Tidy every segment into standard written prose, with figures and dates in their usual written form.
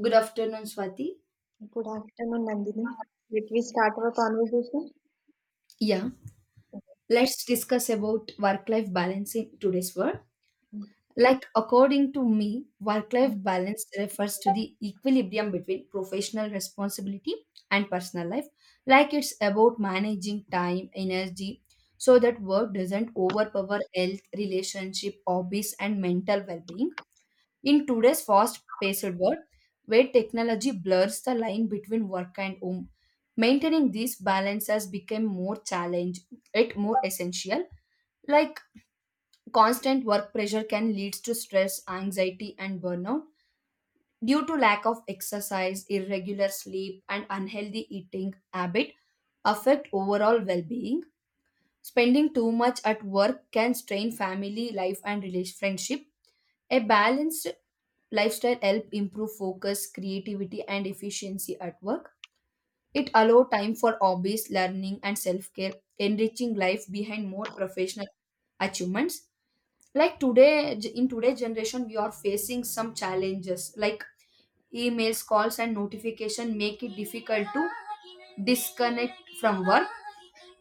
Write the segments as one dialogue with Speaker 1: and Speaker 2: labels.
Speaker 1: Good afternoon, Swati.
Speaker 2: Good afternoon, Nandini. Did we start our conversation?
Speaker 1: Yeah. Let's discuss about work-life balance in today's world. Like according to me, work-life balance refers to the equilibrium between professional responsibility and personal life. Like it's about managing time, energy, so that work doesn't overpower health, relationship, hobbies, and mental well-being. In today's fast paced world, where technology blurs the line between work and home, maintaining this balance has become more challenge, yet more essential. Like constant work pressure can lead to stress, anxiety, and burnout due to lack of exercise, irregular sleep, and unhealthy eating habit affect overall well-being. Spending too much at work can strain family life and relation friendship. A balanced lifestyle help improve focus, creativity, and efficiency at work. It allow time for hobbies, learning, and self care, enriching life behind more professional achievements. Like today, in today's generation, we are facing some challenges like emails, calls, and notification make it difficult to disconnect from work.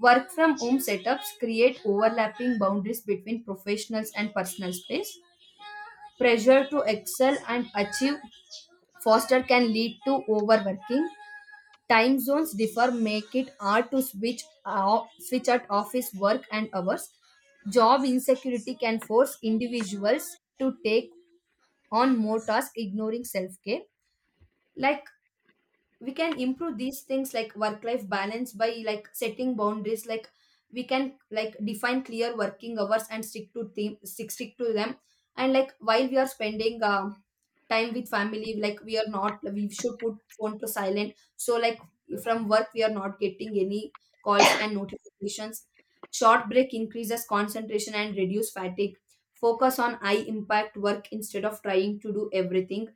Speaker 1: Work from home setups create overlapping boundaries between professionals and personal space. Pressure to excel and achieve foster can lead to overworking. Time zones differ, make it hard to switch off switch at office work and hours. Job insecurity can force individuals to take on more tasks, ignoring self care. Like we can improve these things like work life balance by like setting boundaries, like we can like define clear working hours and stick to them. And like while we are spending time with family, like we are not, we should put phone to silent, so like from work we are not getting any calls and notifications. Short break increases concentration and reduce fatigue. Focus on high impact work instead of trying to do everything.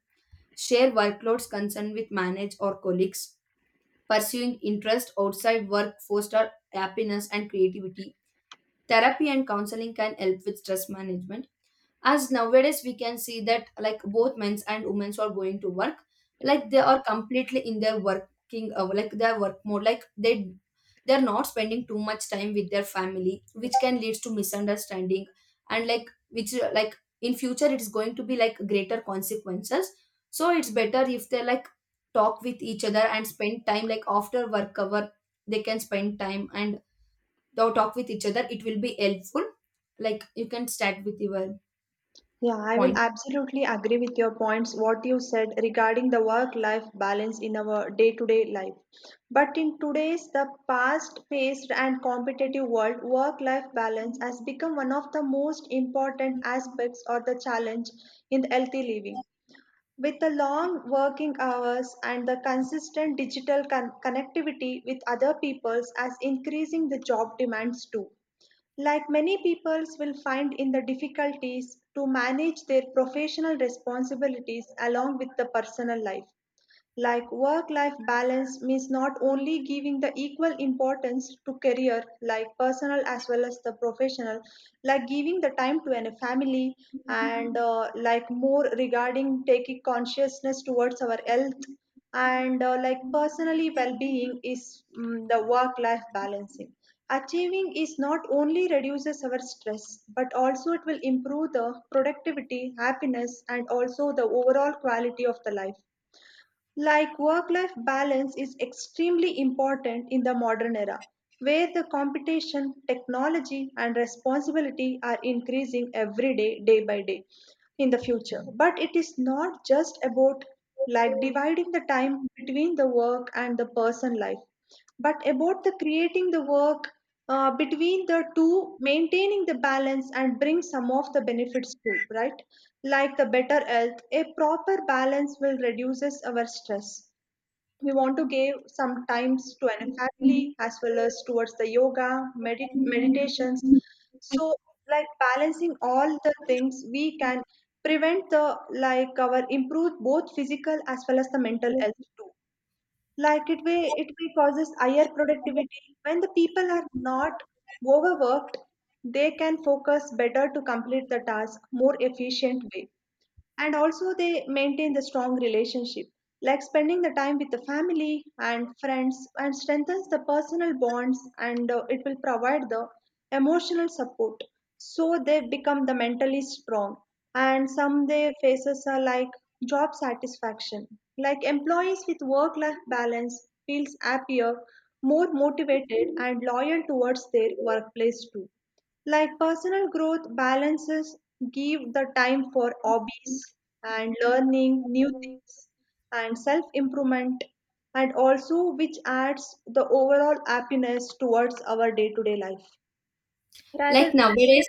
Speaker 1: Share workloads concerned with manage or colleagues. Pursuing interest outside work foster happiness and creativity. Therapy and counseling can help with stress management. As nowadays we can see that like both men's and women's are going to work, like they are completely in their working, like their work mode, like they're not spending too much time with their family, which can lead to misunderstanding, and like which, like in future it's going to be like greater consequences. So it's better if they like talk with each other and spend time, like after work hour they can spend time and they'll talk with each other, it will be helpful. Like you can start with your
Speaker 2: Yeah, I will
Speaker 1: point.
Speaker 2: absolutely agree with your points, what you said regarding the work-life balance in our day-to-day life. But in today's the fast-paced and competitive world, work-life balance has become one of the most important aspects or the challenge in the healthy living. With the long working hours and the consistent digital connectivity with other peoples as increasing the job demands too. Like many peoples will find in the difficulties to manage their professional responsibilities along with the personal life. Like work-life balance means not only giving the equal importance to career, like personal as well as the professional, like giving the time to a family and like more regarding taking consciousness towards our health and like personally well-being is the work-life balancing. Achieving is not only reduces our stress, but also it will improve the productivity, happiness, and also the overall quality of the life, like work-life balance is extremely important in the modern era, where the competition, technology, and responsibility are increasing every day, day by day in the future. But it is not just about like dividing the time between the work and the person life, but about the creating the work between the two maintaining the balance and bring some of the benefits too, right, like the better health. A proper balance will reduces our stress. We want to give some times to an family as well as towards the yoga meditations. So like balancing all the things, we can prevent the like our improve both physical as well as the mental health too. Like it way it will causes higher productivity when the people are not overworked, they can focus better to complete the task more efficient way, and also they maintain the strong relationship, like spending the time with the family and friends, and strengthens the personal bonds, and it will provide the emotional support, so they become the mentally strong. And some their faces are like job satisfaction, like employees with work life balance feels happier, more motivated, and loyal towards their workplace too. Like personal growth, balances give the time for hobbies and learning new things and self improvement, and also which adds the overall happiness towards our day to day life. Rather,
Speaker 1: Like nowadays,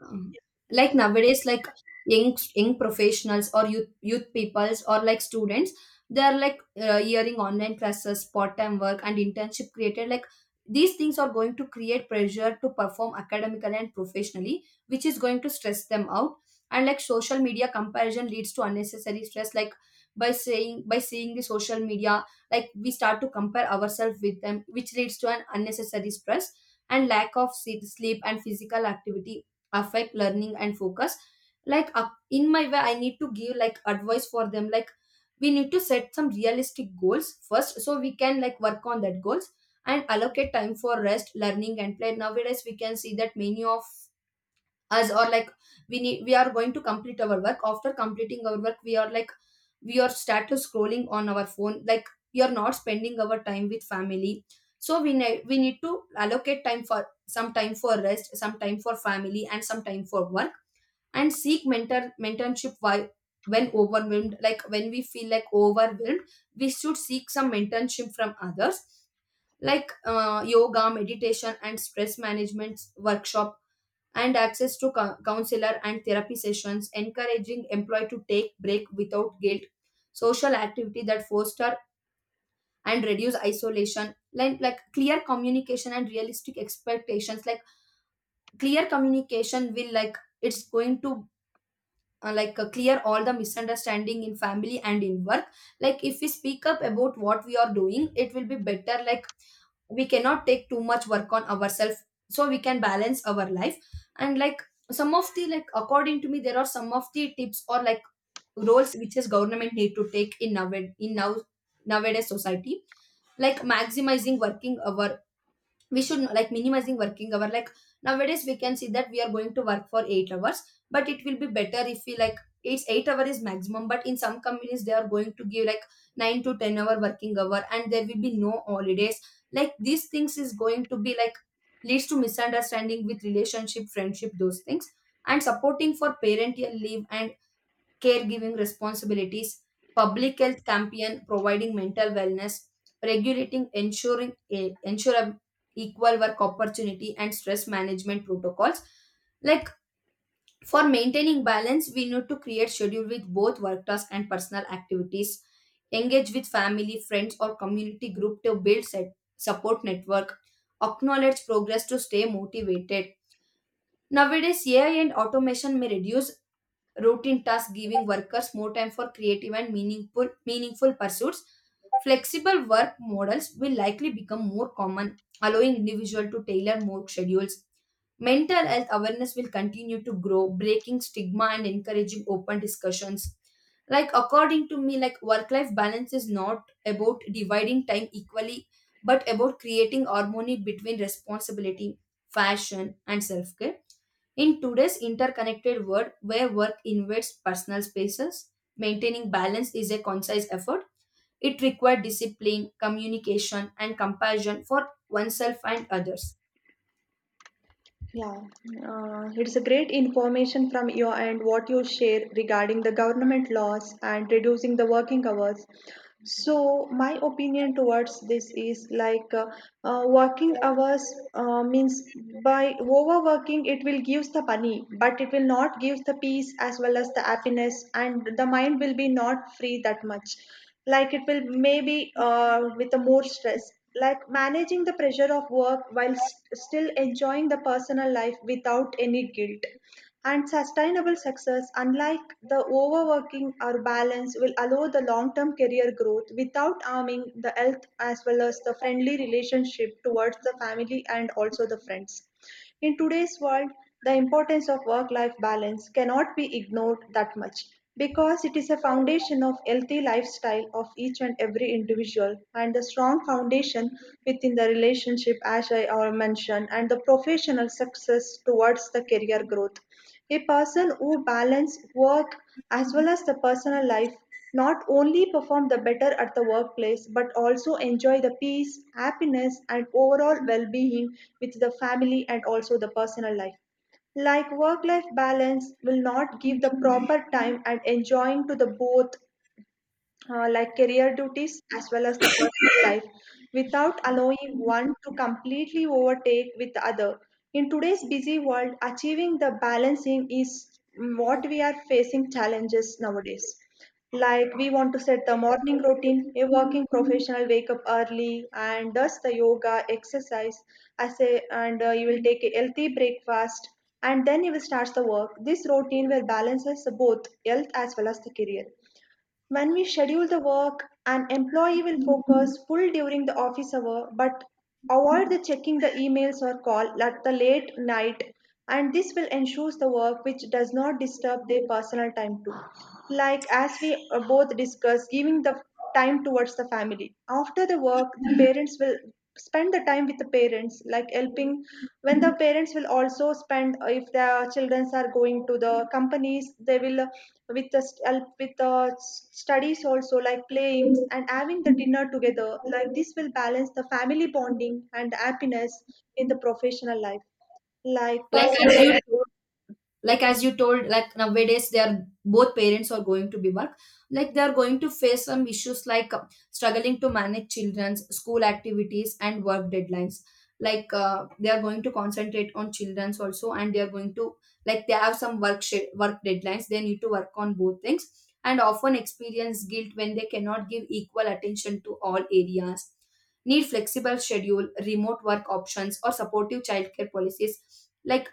Speaker 1: um, like young professionals or youth peoples or like students, they are like hearing online classes, part time work and internship created, like these things are going to create pressure to perform academically and professionally, which is going to stress them out. And like social media comparison leads to unnecessary stress, like by seeing the social media, like we start to compare ourselves with them, which leads to an unnecessary stress. And lack of sleep and physical activity affect learning and focus. Like up in my way I need to give like advice for them, like we need to set some realistic goals first, so we can like work on that goals, and allocate time for rest, learning, and play. Nowadays we can see that many of us, or like we are going to complete our work. After completing our work, we are start to scrolling on our phone, like we are not spending our time with family. So we need to allocate time for some time for rest, some time for family, and some time for work. And seek mentorship while when overwhelmed, like when we feel like overwhelmed, we should seek some mentorship from others, like yoga meditation and stress management workshop, and access to counselor and therapy sessions, encouraging employee to take break without guilt. Social activity that foster and reduce isolation, like clear communication and realistic expectations. Like clear communication will, like it's going to, like clear all the misunderstanding in family and in work. Like if we speak up about what we are doing it will be better, like we cannot take too much work on ourselves, so we can balance our life. And like some of the, like according to me there are some of the tips or like roles which is government need to take in nowadays society. Like maximizing working hour, we should like minimizing working hour, like nowadays we can see that we are going to work for 8 hours, but it will be better if we like it's 8 hour is maximum, but in some companies they are going to give like 9 to 10 hour working hour and there will be no holidays. Like these things is going to be like leads to misunderstanding with relationship friendship those things. And supporting for parental leave and caregiving responsibilities, public health campaign providing mental wellness, regulating ensure a equal work opportunity and stress management protocols. Like for maintaining balance, we need to create schedule with both work tasks and personal activities. Engage with family, friends, or community group to build set, support network. Acknowledge progress to stay motivated. Nowadays, AI and automation may reduce routine tasks, giving workers more time for creative and meaningful pursuits. Flexible work models will likely become more common, allowing individuals to tailor more schedules. Mental health awareness will continue to grow, breaking stigma and encouraging open discussions. Like according to me, like work life balance is not about dividing time equally, but about creating harmony between responsibility, fashion, and self care. In today's interconnected world where work invades personal spaces, maintaining balance is a conscious effort. It requires discipline, communication, and compassion for oneself and others.
Speaker 2: yeah, it's a great information from your end what you share regarding the government laws and reducing the working hours. So my opinion towards this is like working hours means, by overworking it will gives the money, but it will not give the peace as well as the happiness, and the mind will be not free that much. Like it will maybe with the more stress. Like managing the pressure of work while still enjoying the personal life without any guilt, and sustainable success, unlike the overworking or balance, will allow the long-term career growth without harming the health as well as the friendly relationship towards the family and also the friends. In today's world, the importance of work life balance cannot be ignored that much, because it is a foundation of healthy lifestyle of each and every individual, and a strong foundation within the relationship as I already mentioned, and the professional success towards the career growth. A person who balance work as well as the personal life, not only perform the better at the workplace, but also enjoy the peace, happiness, and overall well being with the family and also the personal life. Like work life balance will not give the proper time and enjoying to the both, like career duties as well as the personal life, without allowing one to completely overtake with the other. In today's busy world, achieving the balancing is what we are facing challenges nowadays. Like we want to set the morning routine, a working professional wake up early and does the yoga exercise, as a, and you will take a healthy breakfast and then you will start the work. This routine will balance both health as well as the career. When we schedule the work, an employee will focus full during the office hour, but avoid the checking the emails or call at the late night, and this will ensure the work which does not disturb their personal time too. Like as we both discussed, giving the time towards the family. After the work, the parents will spend the time with the parents, like helping. When the parents will also spend, if their children are going to the companies, they will with the help with the studies also, like playing and having the dinner together. Like this will balance the family bonding and happiness in the professional life. Like
Speaker 1: Like as you
Speaker 2: personally.
Speaker 1: like as you told, like nowadays they are, both parents are going to be work. Like they are going to face some issues like struggling to manage children's school activities and work deadlines. Like they are going to concentrate on children's also, and they are going to like they have some work deadlines, they need to work on both things, and often experience guilt when they cannot give equal attention to all areas. Need flexible schedule, remote work options or supportive childcare policies. Like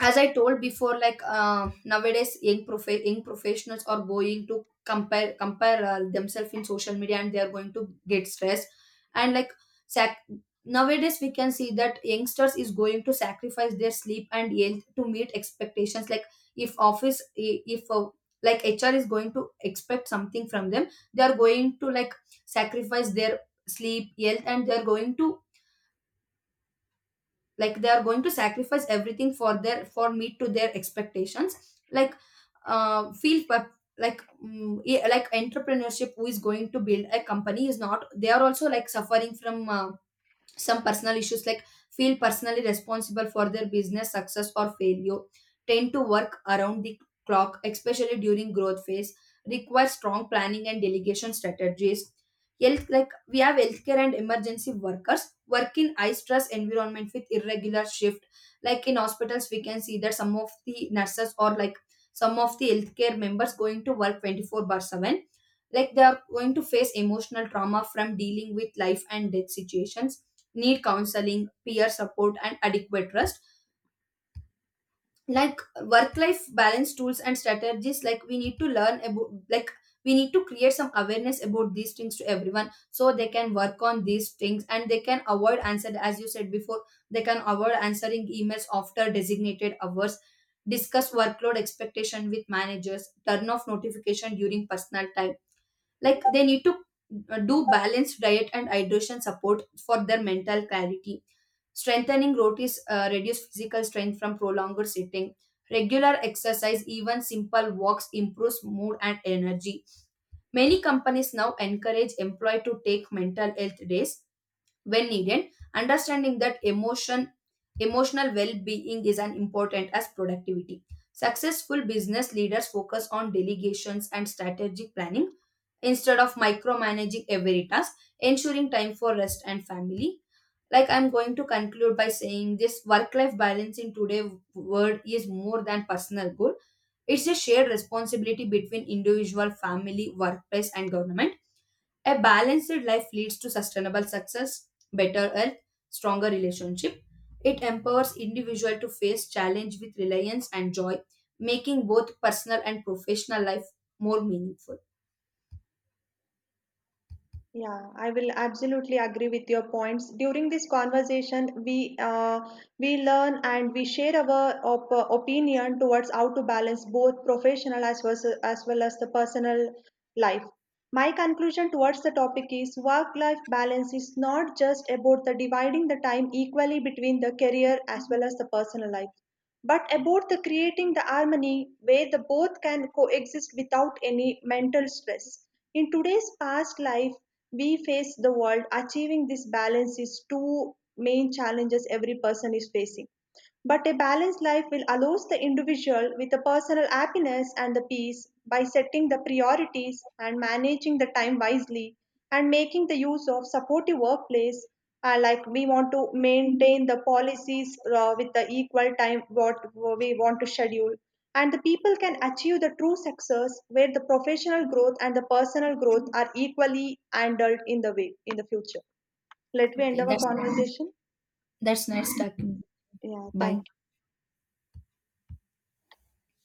Speaker 1: as I told before, like nowadays young professionals are going to compare themselves in social media and they are going to get stressed. And like sac- nowadays we can see that youngsters is going to sacrifice their sleep and health to meet expectations, like if like HR is going to expect something from them. They are going to like sacrifice their sleep health, and they are going to like they are going to sacrifice everything for meet to their expectations. Like feel pep- like mm, yeah, like entrepreneurship who is going to build a company is not. They are also like suffering from some personal issues, like feel personally responsible for their business success or failure, tend to work around the clock, especially during growth phase, require strong planning and delegation strategies. Health, like we have healthcare and emergency workers work in high stress environment with irregular shift. Like in hospitals we can see that some of the nurses, or like some of the healthcare members going to work 24/7. Like they are going to face emotional trauma from dealing with life and death situations. Need counseling, peer support, and adequate rest. Like work life balance tools and strategies, like we need to learn about, like, we need to create some awareness about these things to everyone, so they can work on these things, and they can avoid answer, as you said before, they can avoid answering emails after designated hours. Discuss workload expectation with managers, turn off notification during personal time. Like they need to do balanced diet and hydration support for their mental clarity. Strengthening rotates, reduce physical strength from prolonged sitting. Regular exercise, even simple walks, improves mood and energy. Many companies now encourage employee to take mental health days when needed, understanding that emotional well-being is as important as productivity. Successful business leaders focus on delegations and strategic planning instead of micromanaging every task, ensuring time for rest and family. Like I'm going to conclude by saying this work life balance in today's world is more than personal goal, it's a shared responsibility between individual, family, workplace and government. A balanced life leads to sustainable success, better health, stronger relationship. It empowers individual to face challenge with reliance and joy, making both personal and professional life more meaningful.
Speaker 2: Yeah, I will absolutely agree with your points. During this conversation, we learn and we share our opinion towards how to balance both professional as well as the personal life. My conclusion towards the topic is work-life balance is not just about the dividing the time equally between the career as well as the personal life, but about the creating the harmony where the both can coexist without any mental stress. In today's fast life, we face the world, achieving this balance is two main challenges every person is facing. But a balanced life will allows the individual with the personal happiness and the peace by setting the priorities and managing the time wisely and making the use of supportive workplace. Like we want to maintain the policies with the equal time what we want to schedule, and the people can achieve the true success where the professional growth and the personal growth are equally handled in the way in the future. Let me end
Speaker 1: Okay,
Speaker 2: our
Speaker 1: that's
Speaker 2: conversation.
Speaker 1: that's nice talking.
Speaker 2: Yeah, thank
Speaker 1: Bye.
Speaker 2: you.